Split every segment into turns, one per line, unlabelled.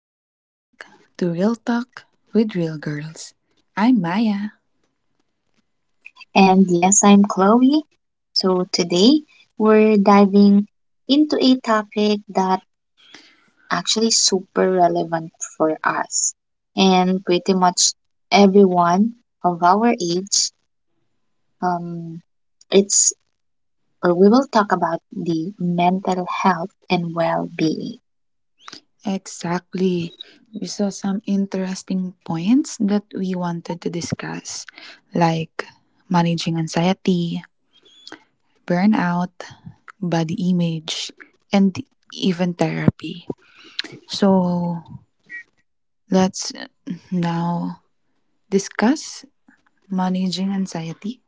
welcome back to Real Talk with Real Girls. I'm Maya.
And yes, I'm Chloe. So today we're diving into a topic that actually super relevant for us and pretty much everyone of our age. Um, it's or we will talk about the mental health and well-being.
Exactly. We saw some interesting points that we wanted to discuss, like managing anxiety, burnout, body image, and even therapy. So let's now discuss managing anxiety.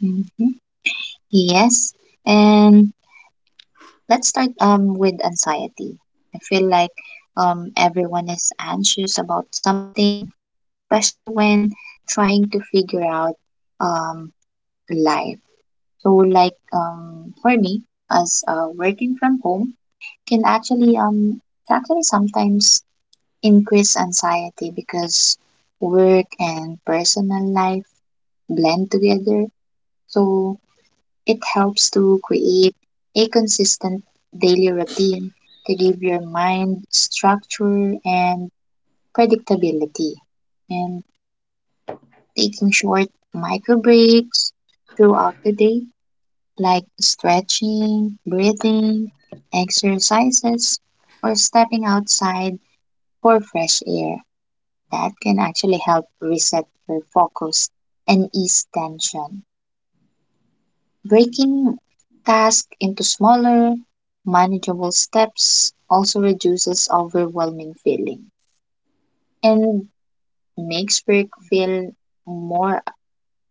Mhm. Yes, and let's start with anxiety. I feel like everyone is anxious about something, especially when trying to figure out um life. So like for me as working from home can actually sometimes increase anxiety because work and personal life blend together. So it helps to create a consistent daily routine to give your mind structure and predictability. And taking short micro breaks throughout the day, like stretching, breathing, exercises, or stepping outside for fresh air, that can actually help reset your focus and ease tension. Breaking tasks into smaller, manageable steps also reduces overwhelming feeling and makes work feel more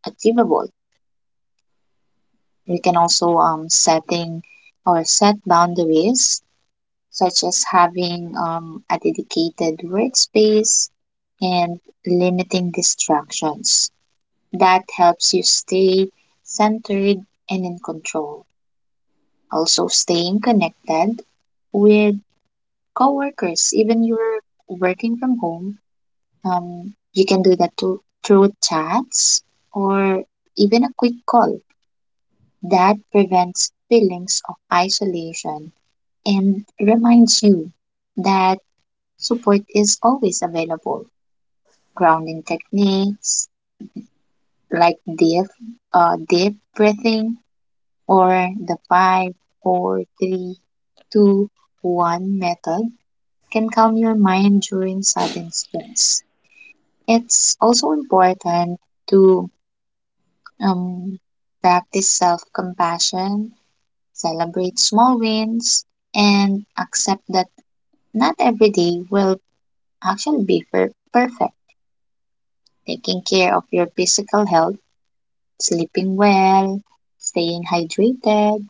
achievable. We can also set boundaries such as having a dedicated workspace and limiting distractions. That helps you stay centered and in control. Also, staying connected with coworkers, even you're working from home, you can do that too, through chats or even a quick call. That prevents feelings of isolation and reminds you that support is always available. Grounding techniques like deep breathing or the five, four, three, two, one method can calm your mind during sudden stress. It's also important to um, practice self compassion, celebrate small wins, and accept that not every day will actually be perfect. Taking care of your physical health, sleeping well, staying hydrated,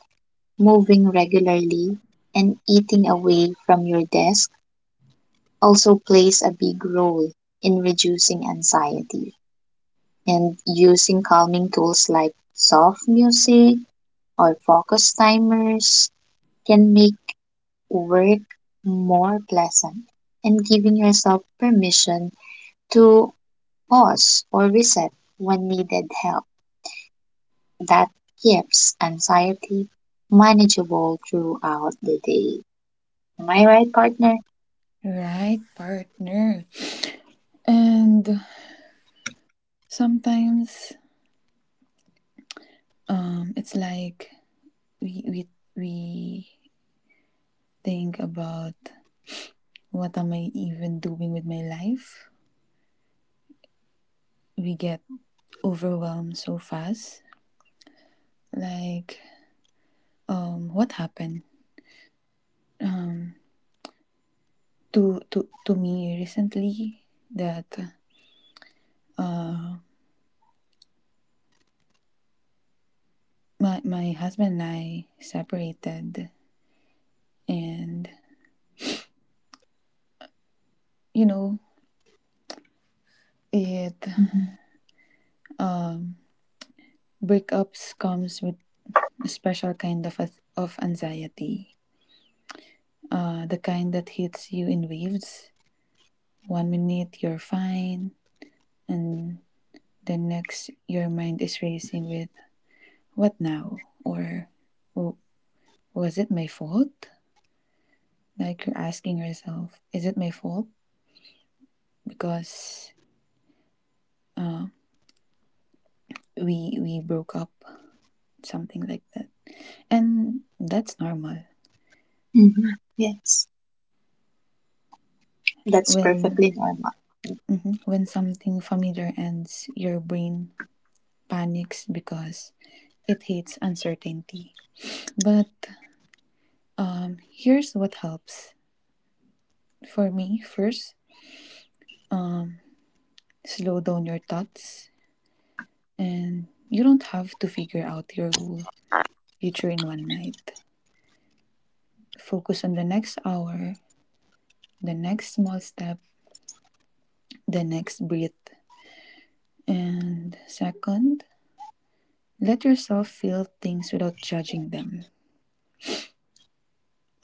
moving regularly, and eating away from your desk also plays a big role in reducing anxiety. And using calming tools like soft music or focus timers can make work more pleasant and giving yourself permission to pause or reset when needed help that keeps anxiety manageable throughout the day. Am I right, partner?
Right, partner. And sometimes it's like we we we think about, what am I even doing with my life? We get overwhelmed so fast. Like, what happened? Um, to me recently, that my husband and I separated, and you know it
Mhm.
breakups comes with a special kind of anxiety. The kind that hits you in waves. One minute you're fine, and the next your mind is racing with, what now? Or, was it my fault? Like you're asking yourself, is it my fault? Because we broke up, something like that. And that's normal.
Mhm. Yes. That's
When
perfectly normal.
mhm, when something familiar ends, your brain panics because it hates uncertainty. But here's what helps for me. First, slow down your thoughts, and you don't have to figure out your whole future in one night. Focus on the next hour, the next small step, the next breath. And second, let yourself feel things without judging them.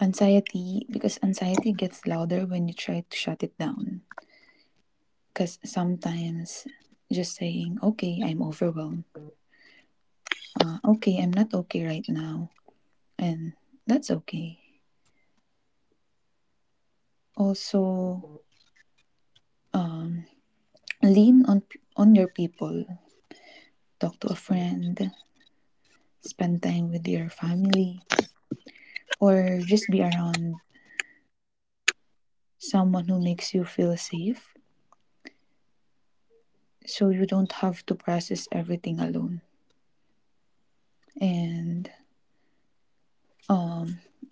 Because anxiety gets louder when you try to shut it down. Because sometimes just saying, okay, I'm overwhelmed, okay, I'm not okay right now, and that's okay. Also, lean on your people, talk to a friend, spend time with your family, or just be around someone who makes you feel safe, so you don't have to process everything alone. And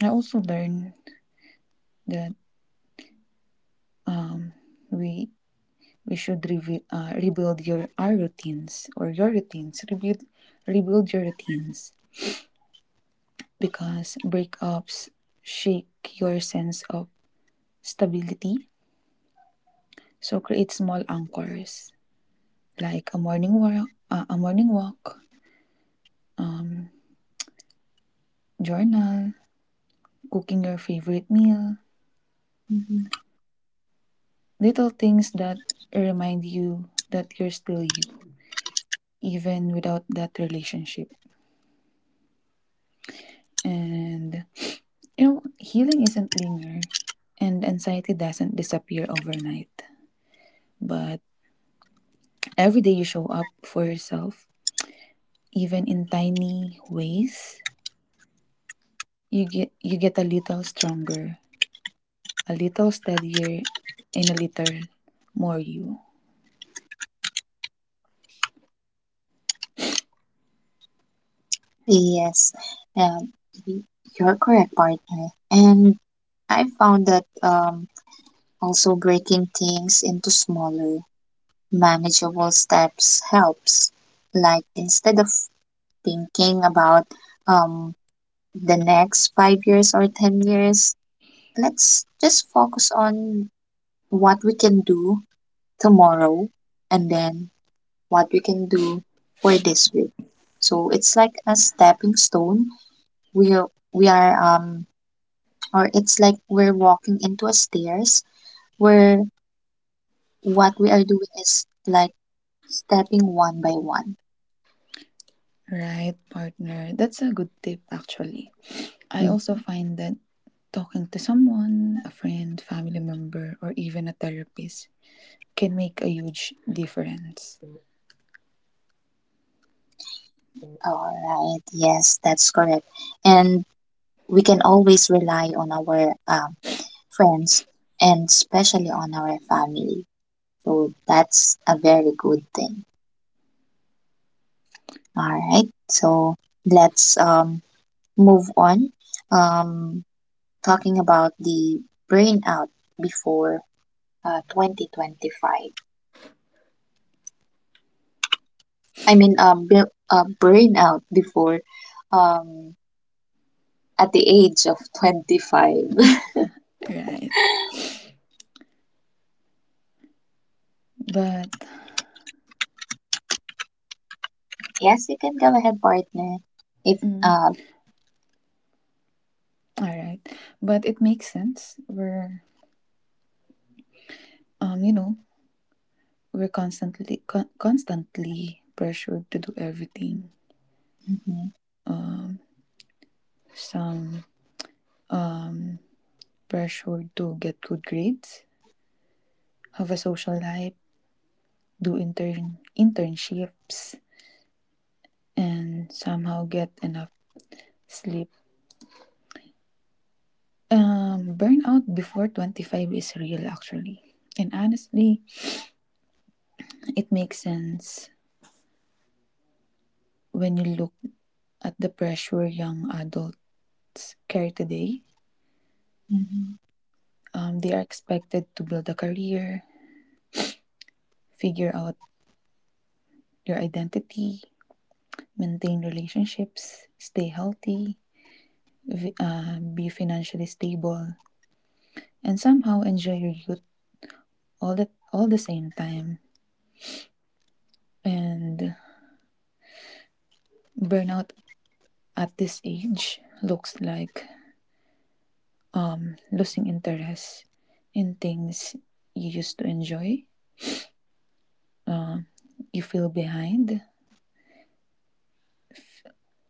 I also learned that we we rebuild your our routines or your routines rebuild rebuild your routines, because breakups shake your sense of stability. So create small anchors, like a morning walk, journal, cooking your favorite meal,
Mhm.
little things that remind you that you're still you, even without that relationship. And you know, healing isn't linear, and anxiety doesn't disappear overnight. But every day you show up for yourself, even in tiny ways, you get a little stronger, a little steadier, and a little more you.
Yes, um, y- you're correct, partner. And I found that also breaking things into smaller, manageable steps helps. Like instead of thinking about um, the next 5 years or 10 years, let's just focus on what we can do tomorrow and then what we can do for this week. So it's like a stepping stone. We are, we are or it's like we're walking into a stairs. We're what we are doing is like stepping one by one.
Right, partner. That's a good tip, actually. I also
Mm.
find that talking to someone, a friend, family member, or even a therapist can make a huge difference.
All right. Yes, that's correct. And we can always rely on our friends and especially on our family. So that's a very good thing. All right. So let's move on. Um, Talking about the burnout before 2025. I mean, burnout before um, at the age of 25.
Right. But,
Yes, you can go ahead, partner. If,
mm, all right. But it makes sense. You know, we're constantly pressured to do everything.
mhm,
Some pressured to get good grades, have a social life, do internships, and somehow get enough sleep. Burnout before 25 is real, actually. And honestly, it makes sense when you look at the pressure young adults carry today.
mhm,
They are expected to build a career, figure out your identity, maintain relationships, stay healthy, be financially stable, and somehow enjoy your youth all the same time. And burnout at this age looks like losing interest in things you used to enjoy. You feel behind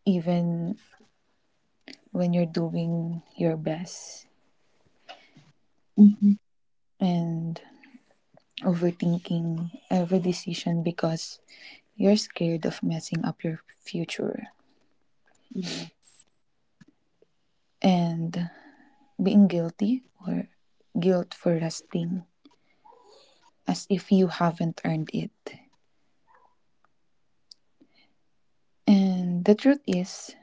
even when you're doing your best,
mhm,
and overthinking every decision because you're scared of messing up your future,
yeah.
and being guilty or guilt for resting, as if you haven't earned it. And the truth is,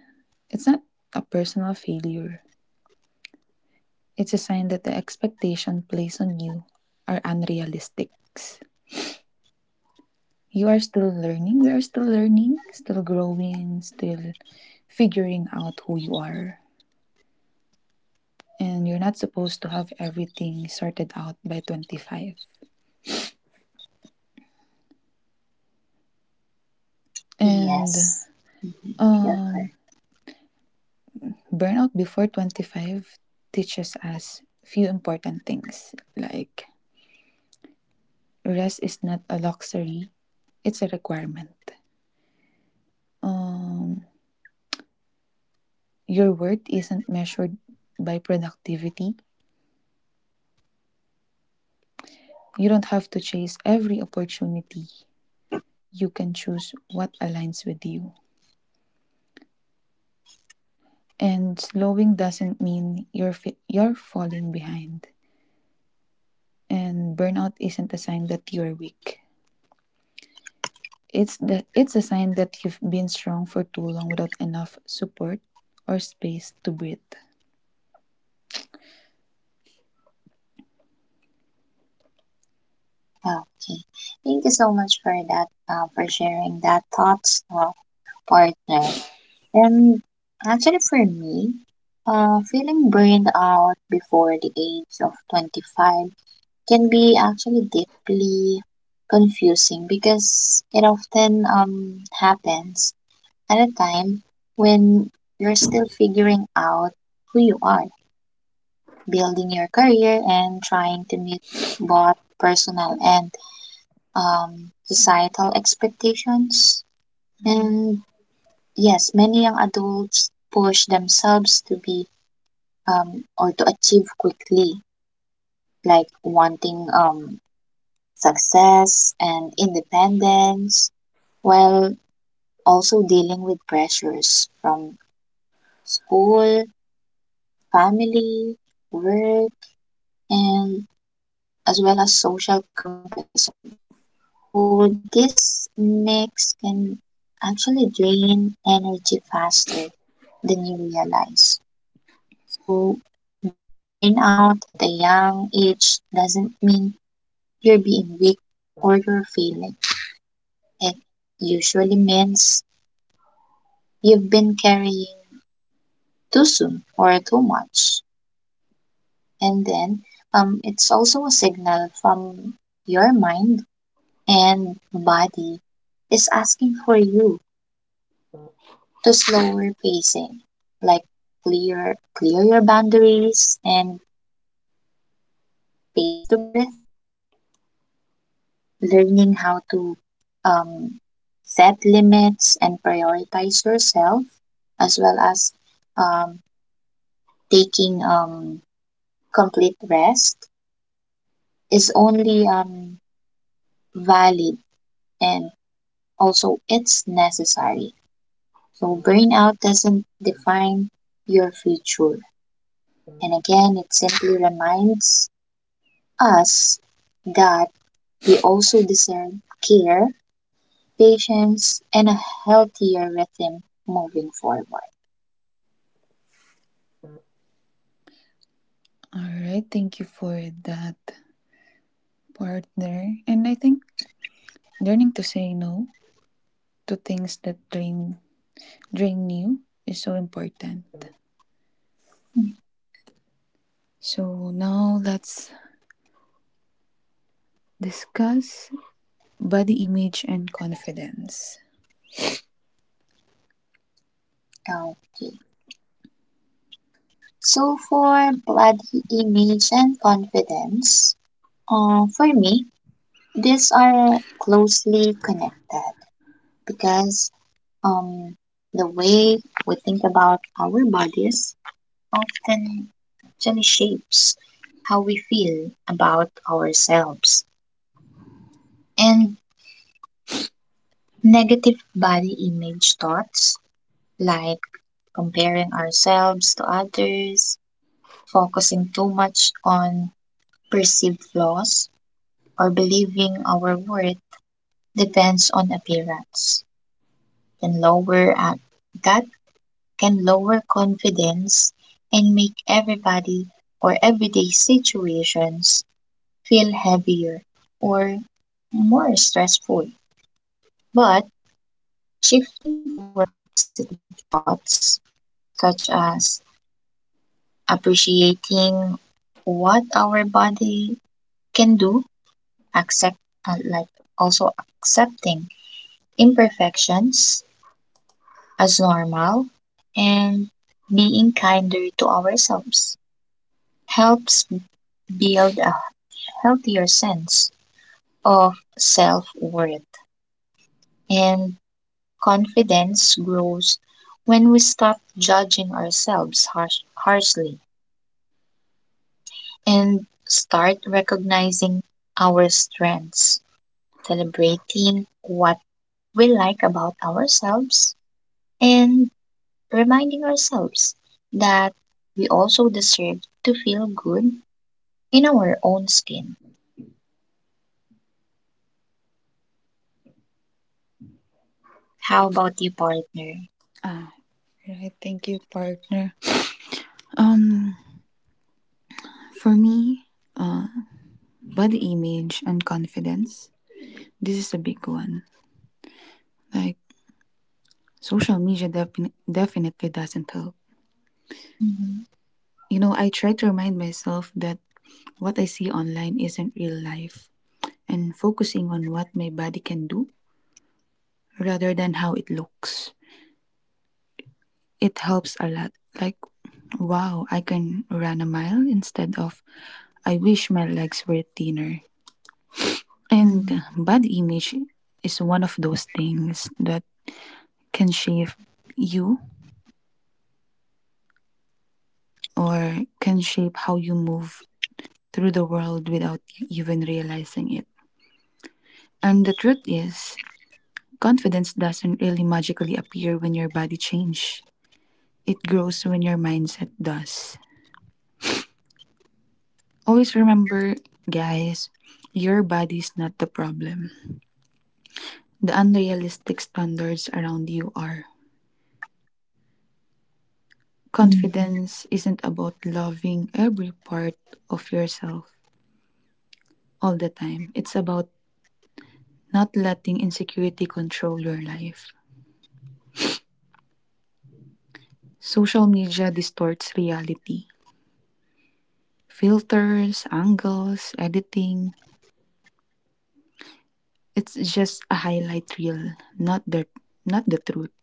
it's not a personal failure. It's a sign that the expectation placed on you are unrealistic. You are still learning. We are still learning, still growing, still figuring out who you are. And you're not supposed to have everything sorted out by 25. And
Yes, you're
um,
correct.
burnout before 25 teaches us few important things, like rest is not a luxury, it's a requirement. Um, Your worth isn't measured by productivity. You don't have to chase every opportunity. You can choose what aligns with you. And slowing doesn't mean you're fi- you're falling behind. And burnout isn't a sign that you're weak. It's a sign that you've been strong for too long without enough support or space to breathe.
Okay. Thank you so much for that, for sharing that thoughts, partner. And actually, for me, feeling burned out before the age of 25 can be actually deeply confusing because it often happens at a time when you're still figuring out who you are, building your career, and trying to meet both personal and societal expectations.
Mhm.
And yes, many young adults push themselves to be or to achieve quickly, like wanting success and independence, while also dealing with pressures from school, family, work, and as well as social comparison. So this mix can actually drain energy faster than you realize. So burnout at a young age doesn't mean you're being weak or you're failing. It usually means you've been carrying too soon or too much. And then it's also a signal from your mind and body is asking for you to slower pacing, like clear your boundaries and space to breathe, learning how to um, set limits and prioritize yourself, as well as um, taking complete rest is only valid and also it's necessary. So burnout doesn't define your future. And again, it simply reminds us that we also deserve care, patience, and a healthier rhythm moving forward.
All right, thank you for that, partner. And I think learning to say no to things that drain drink new is so important. So now let's discuss body image and confidence.
Okay. So for body image and confidence, for me, these are closely connected because um, the way we think about our bodies often actually shapes how we feel about ourselves. And negative body image thoughts, like comparing ourselves to others, focusing too much on perceived flaws, or believing our worth depends on appearance, can lower that can lower confidence and make everybody or everyday situations feel heavier or more stressful. But shifting toward positive thoughts, such as appreciating what our body can do, accept like also accepting imperfections as normal, and being kinder to ourselves helps build a healthier sense of self worth, and confidence grows when we stop judging harshly and start recognizing our strengths, celebrating what we like about ourselves, and reminding ourselves that we also deserve to feel good in our own skin. How about you, partner?
Ah, right. Thank you, partner. Um, for me, uh, body image and confidence. This is a big one. Like, social media definitely doesn't help.
Mm-hmm.
You know, I try to remind myself that what I see online isn't real life, and focusing on what my body can do rather than how it looks, it helps a lot. Like, wow, I can run a mile, instead of, I wish my legs were thinner. And
Mm-hmm.
body image is one of those things that can shape you can shape how you move through the world without you even realizing it. And the truth is, confidence doesn't really magically appear when your body change. It grows when your mindset does. Always remember, guys, your body's not the problem. The unrealistic standards around you are.
Mm-hmm.
Confidence isn't about loving every part of yourself all the time, it's about not letting insecurity control your life. Social media distorts reality. Filters, angles, editing, it's just a highlight reel, not the truth.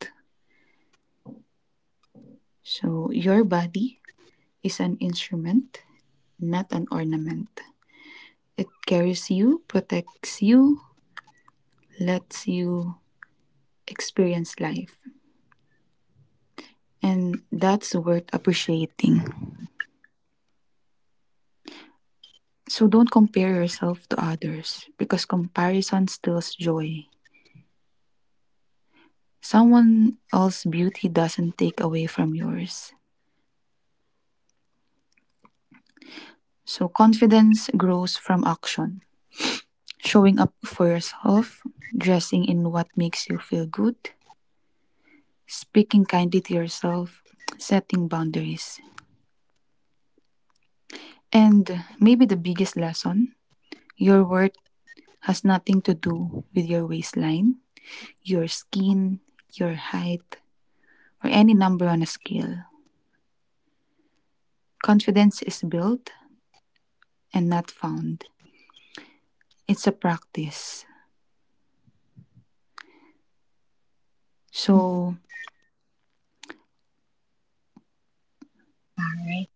So your body is an instrument, not an ornament. It carries you, protects you, lets you experience life. And that's worth appreciating. So don't compare yourself to others, because comparison steals joy. Someone else's beauty doesn't take away from yours. So confidence grows from action. Showing up for yourself, dressing in what makes you feel good, speaking kindly to yourself, setting boundaries. And maybe the biggest lesson, your worth has nothing to do with your waistline, your skin, your height, or any number on a scale. Confidence is built and not found, it's a practice. So,
All right.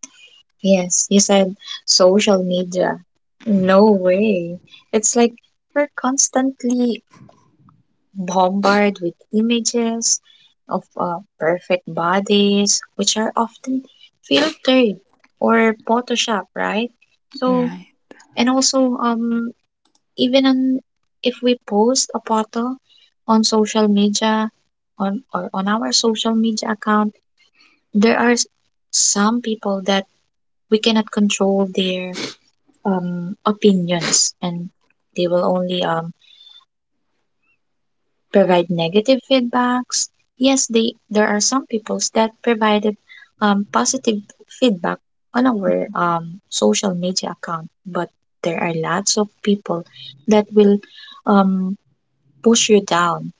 Yes, you said social media. No way. It's like we're constantly bombarded with images of perfect bodies, which are often filtered or Photoshop, right? So,
right,
and also, even on, if we post a photo on social media, on our social media account, there are some people that we cannot control their opinions and they will only provide negative feedbacks. Yes, they there are some peoples that provided positive feedback on our social media account, but there are lots of people that will um, push you down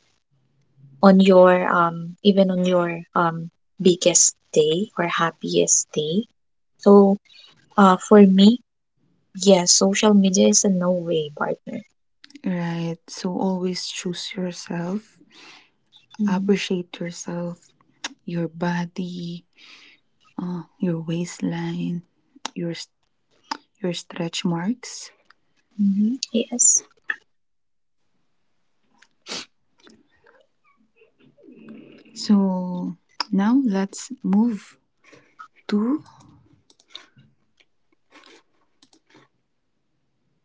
on your biggest day or happiest day. So for me, yes, social media is a no way partner.
right. So, always choose yourself,
Mhm.
appreciate yourself, your body, your waistline, your, your stretch marks.
Mhm. Yes.
So, now let's move to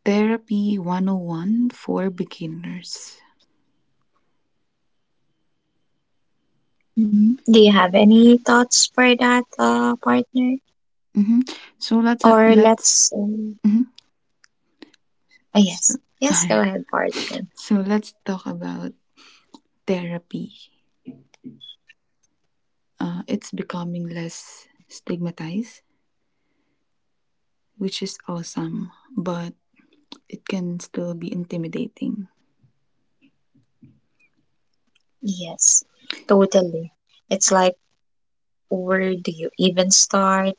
Therapy 101 for beginners.
Mhm. Do you have any thoughts for that, partner?
hmm So let's uh,
Or
let's
let's, um,
mhm. so,
yes, yes, go ahead, partner.
so let's talk about therapy. It's becoming less stigmatized, which is awesome, but it can still be intimidating.
Yes, totally. It's like, where do you even start?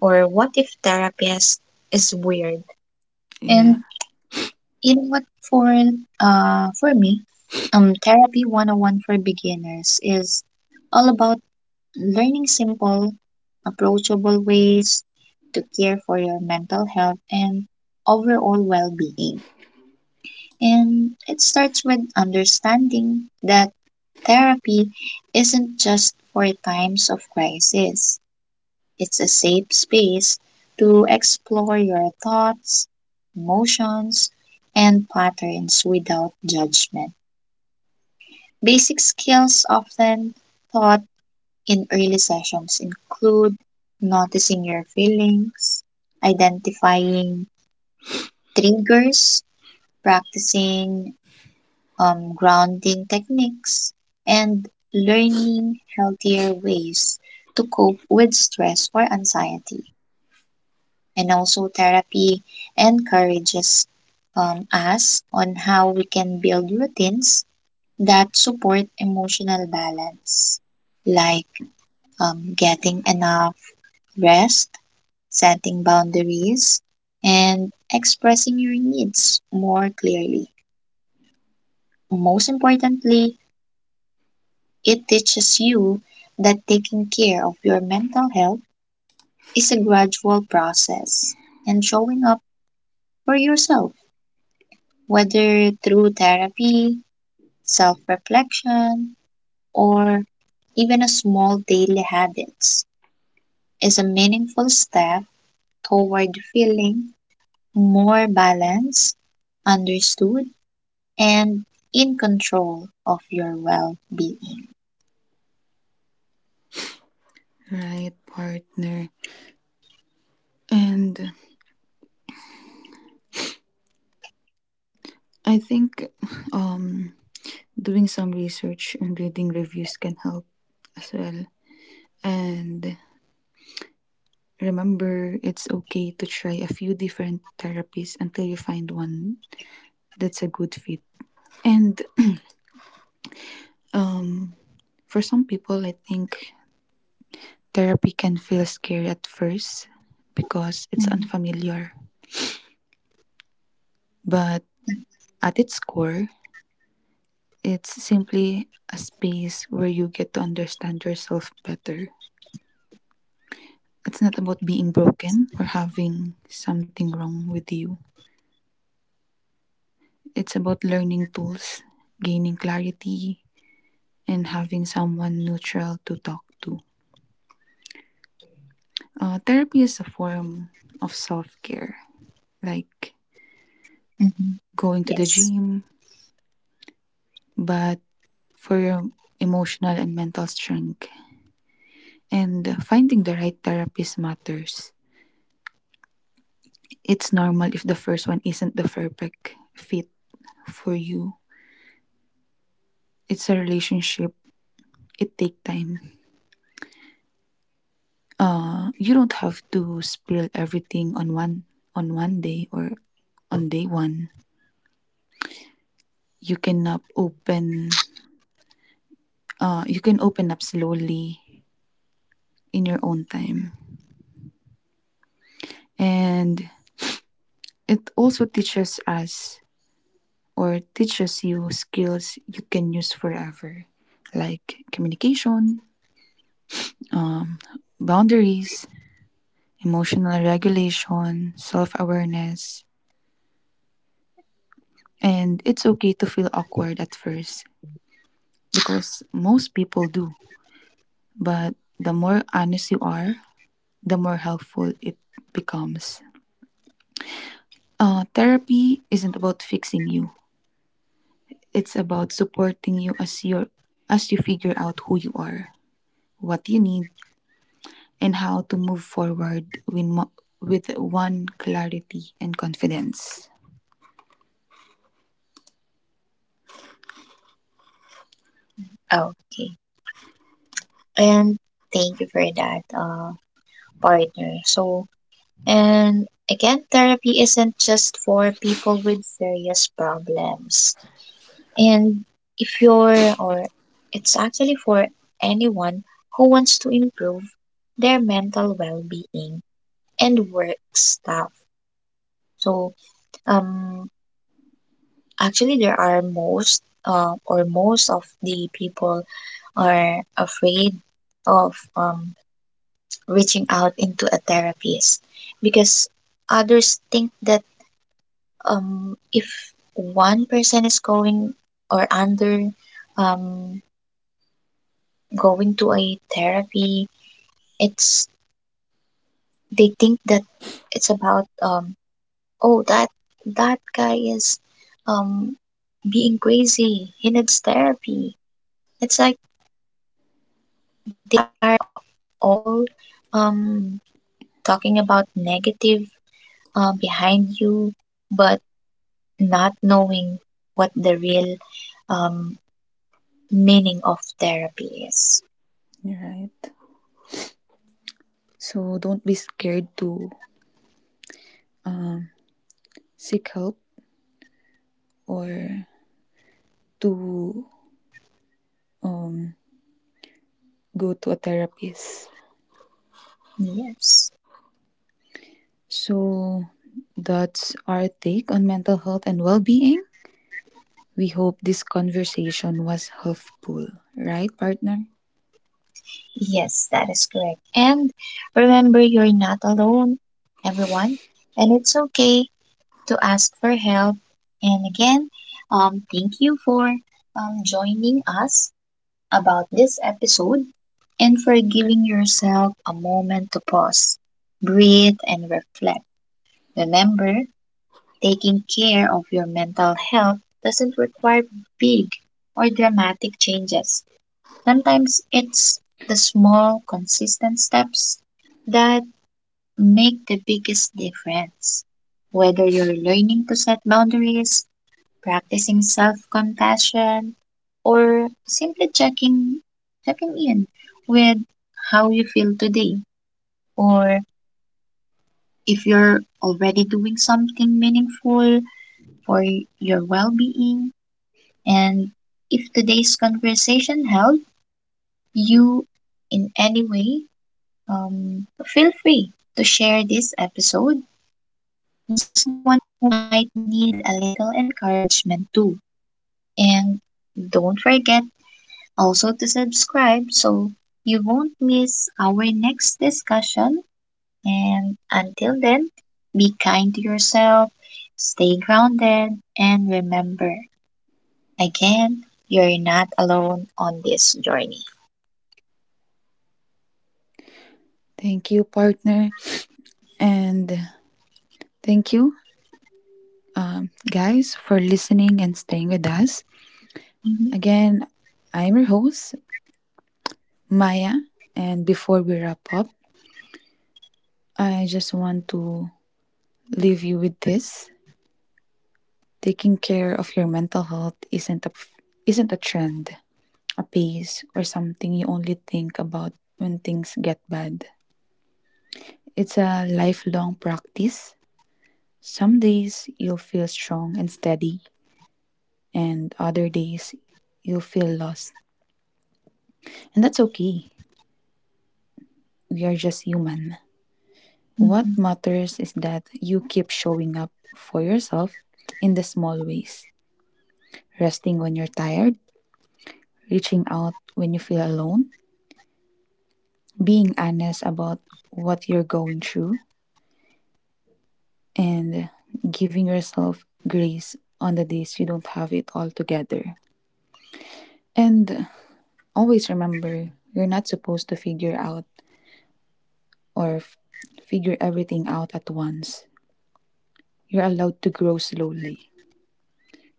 Or what if therapist is weird?
Yeah,
And you know what? For me, therapy 101 for beginners is all about learning simple, approachable ways to care for your mental health and overall well being. And it starts with understanding that therapy isn't just for times of crisis, it's a safe space to explore your thoughts, emotions, and patterns without judgment. Basic skills often thought in early sessions include noticing your feelings, identifying triggers, practicing grounding techniques, and learning healthier ways to cope with stress or anxiety. And also, therapy encourages us on how we can build routines that support emotional balance, like getting enough rest, setting boundaries, and expressing your needs more clearly. Most importantly, it teaches you that taking care of your mental health is a gradual process and showing up for yourself, whether through therapy, self reflection, or even a small daily habits, is a meaningful step toward feeling more balanced, understood, and in control of your well being.
right, partner. And I think um doing some research and reading reviews can help as well. And remember, it's okay to try a few different therapies until you find one that's a good fit. And um, for some people, I think therapy can feel scary at first because it's unfamiliar. But at its core, it's simply a space where you get to understand yourself better. It's not about being broken or having something wrong with you. It's about learning tools, gaining clarity, and having someone neutral to talk to. Therapy is a form of self care, like
Mhm.
going to the
Yes.
gym, but for your emotional and mental strength. And finding the right therapist matters. It's normal if the first one isn't the perfect fit for you. It's a relationship. It take time. You don't have to spill everything on one day, or on day one. You cannot open you can open up slowly in your own time. And it also teaches us or teaches you skills you can use forever, like communication, boundaries, emotional regulation, self awareness. And it's okay to feel awkward at first, because most people do. But the more honest you are, the more helpful it becomes. Therapy isn't about fixing you. It's about supporting you as you figure out who you are, what you need, and how to move forward with one clarity and confidence.
Okay. And thank you for that, partner. So, and again, therapy isn't just for people with various problems. And if you're, or it's actually for anyone who wants to improve their mental well being and work stuff. So, um, actually, there are most of the people are afraid of reaching out into a therapist because others think that if one person is going or under um, going to a therapy, it's they think that it's about oh that guy is um, being crazy. He needs therapy. It's like they are all um, talking about negative behind you, but not knowing what the real um, meaning of therapy is.
Right. So don't be scared to seek help, or to um, go to a therapist.
Yes,
So that's our take on mental health and well-being. We hope this conversation was helpful, right, partner?
yes, that is correct. And remember, you're not alone, everyone, and it's okay to ask for help. And again, thank you for joining us about this episode and for giving yourself a moment to pause, breathe, and reflect. Remember, taking care of your mental health doesn't require big or dramatic changes. Sometimes it's the small, consistent steps that make the biggest difference. Whether you're learning to set boundaries, practicing self-compassion, or simply checking in with how you feel today, or if you're already doing something meaningful for your well-being, and if today's conversation helped you in any way, feel free to share this episode with someone who might need a little encouragement too, and don't forget also to subscribe so you won't miss our next discussion. And until then, be kind to yourself, stay grounded, and remember again, you're not alone on this journey.
Thank you, partner. And thank you, guys, for listening and staying with us.
Mhm,
Again, I'm your host, Maya. And before we wrap up, I just want to leave you with this. Taking care of your mental health isn't a trend, a phase, or something you only think about when things get bad. It's a lifelong practice. Some days you'll feel strong and steady, and other days you'll feel lost. And that's okay. We are just human. What
mhm.
matters is that you keep showing up for yourself in the small ways, resting when you're tired, reaching out when you feel alone, being honest about what you're going through, and giving yourself grace on the days you don't have it all together. And always remember, you're not supposed to or f- figure everything out at once. You're allowed to grow slowly.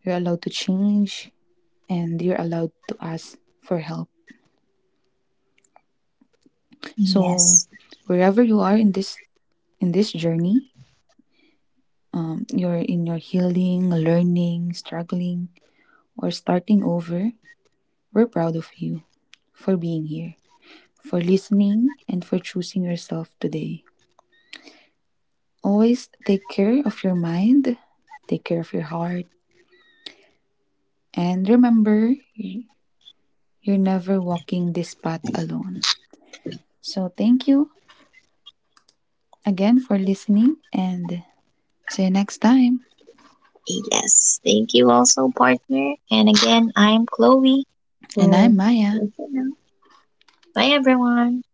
You're allowed to change, and you're allowed to ask for help. So
Yes,
wherever you are in this journey, you're in your healing, learning, struggling, or starting over, we're proud of you for being here, for listening, and for choosing yourself today. Always take care of your mind, take care of your heart, and remember, you're never walking this path alone. So, thank you again for listening, and see you next time.
yes. Thank you also, partner. And again, I'm Chloe.
And I'm
So,
Maya.
bye, everyone.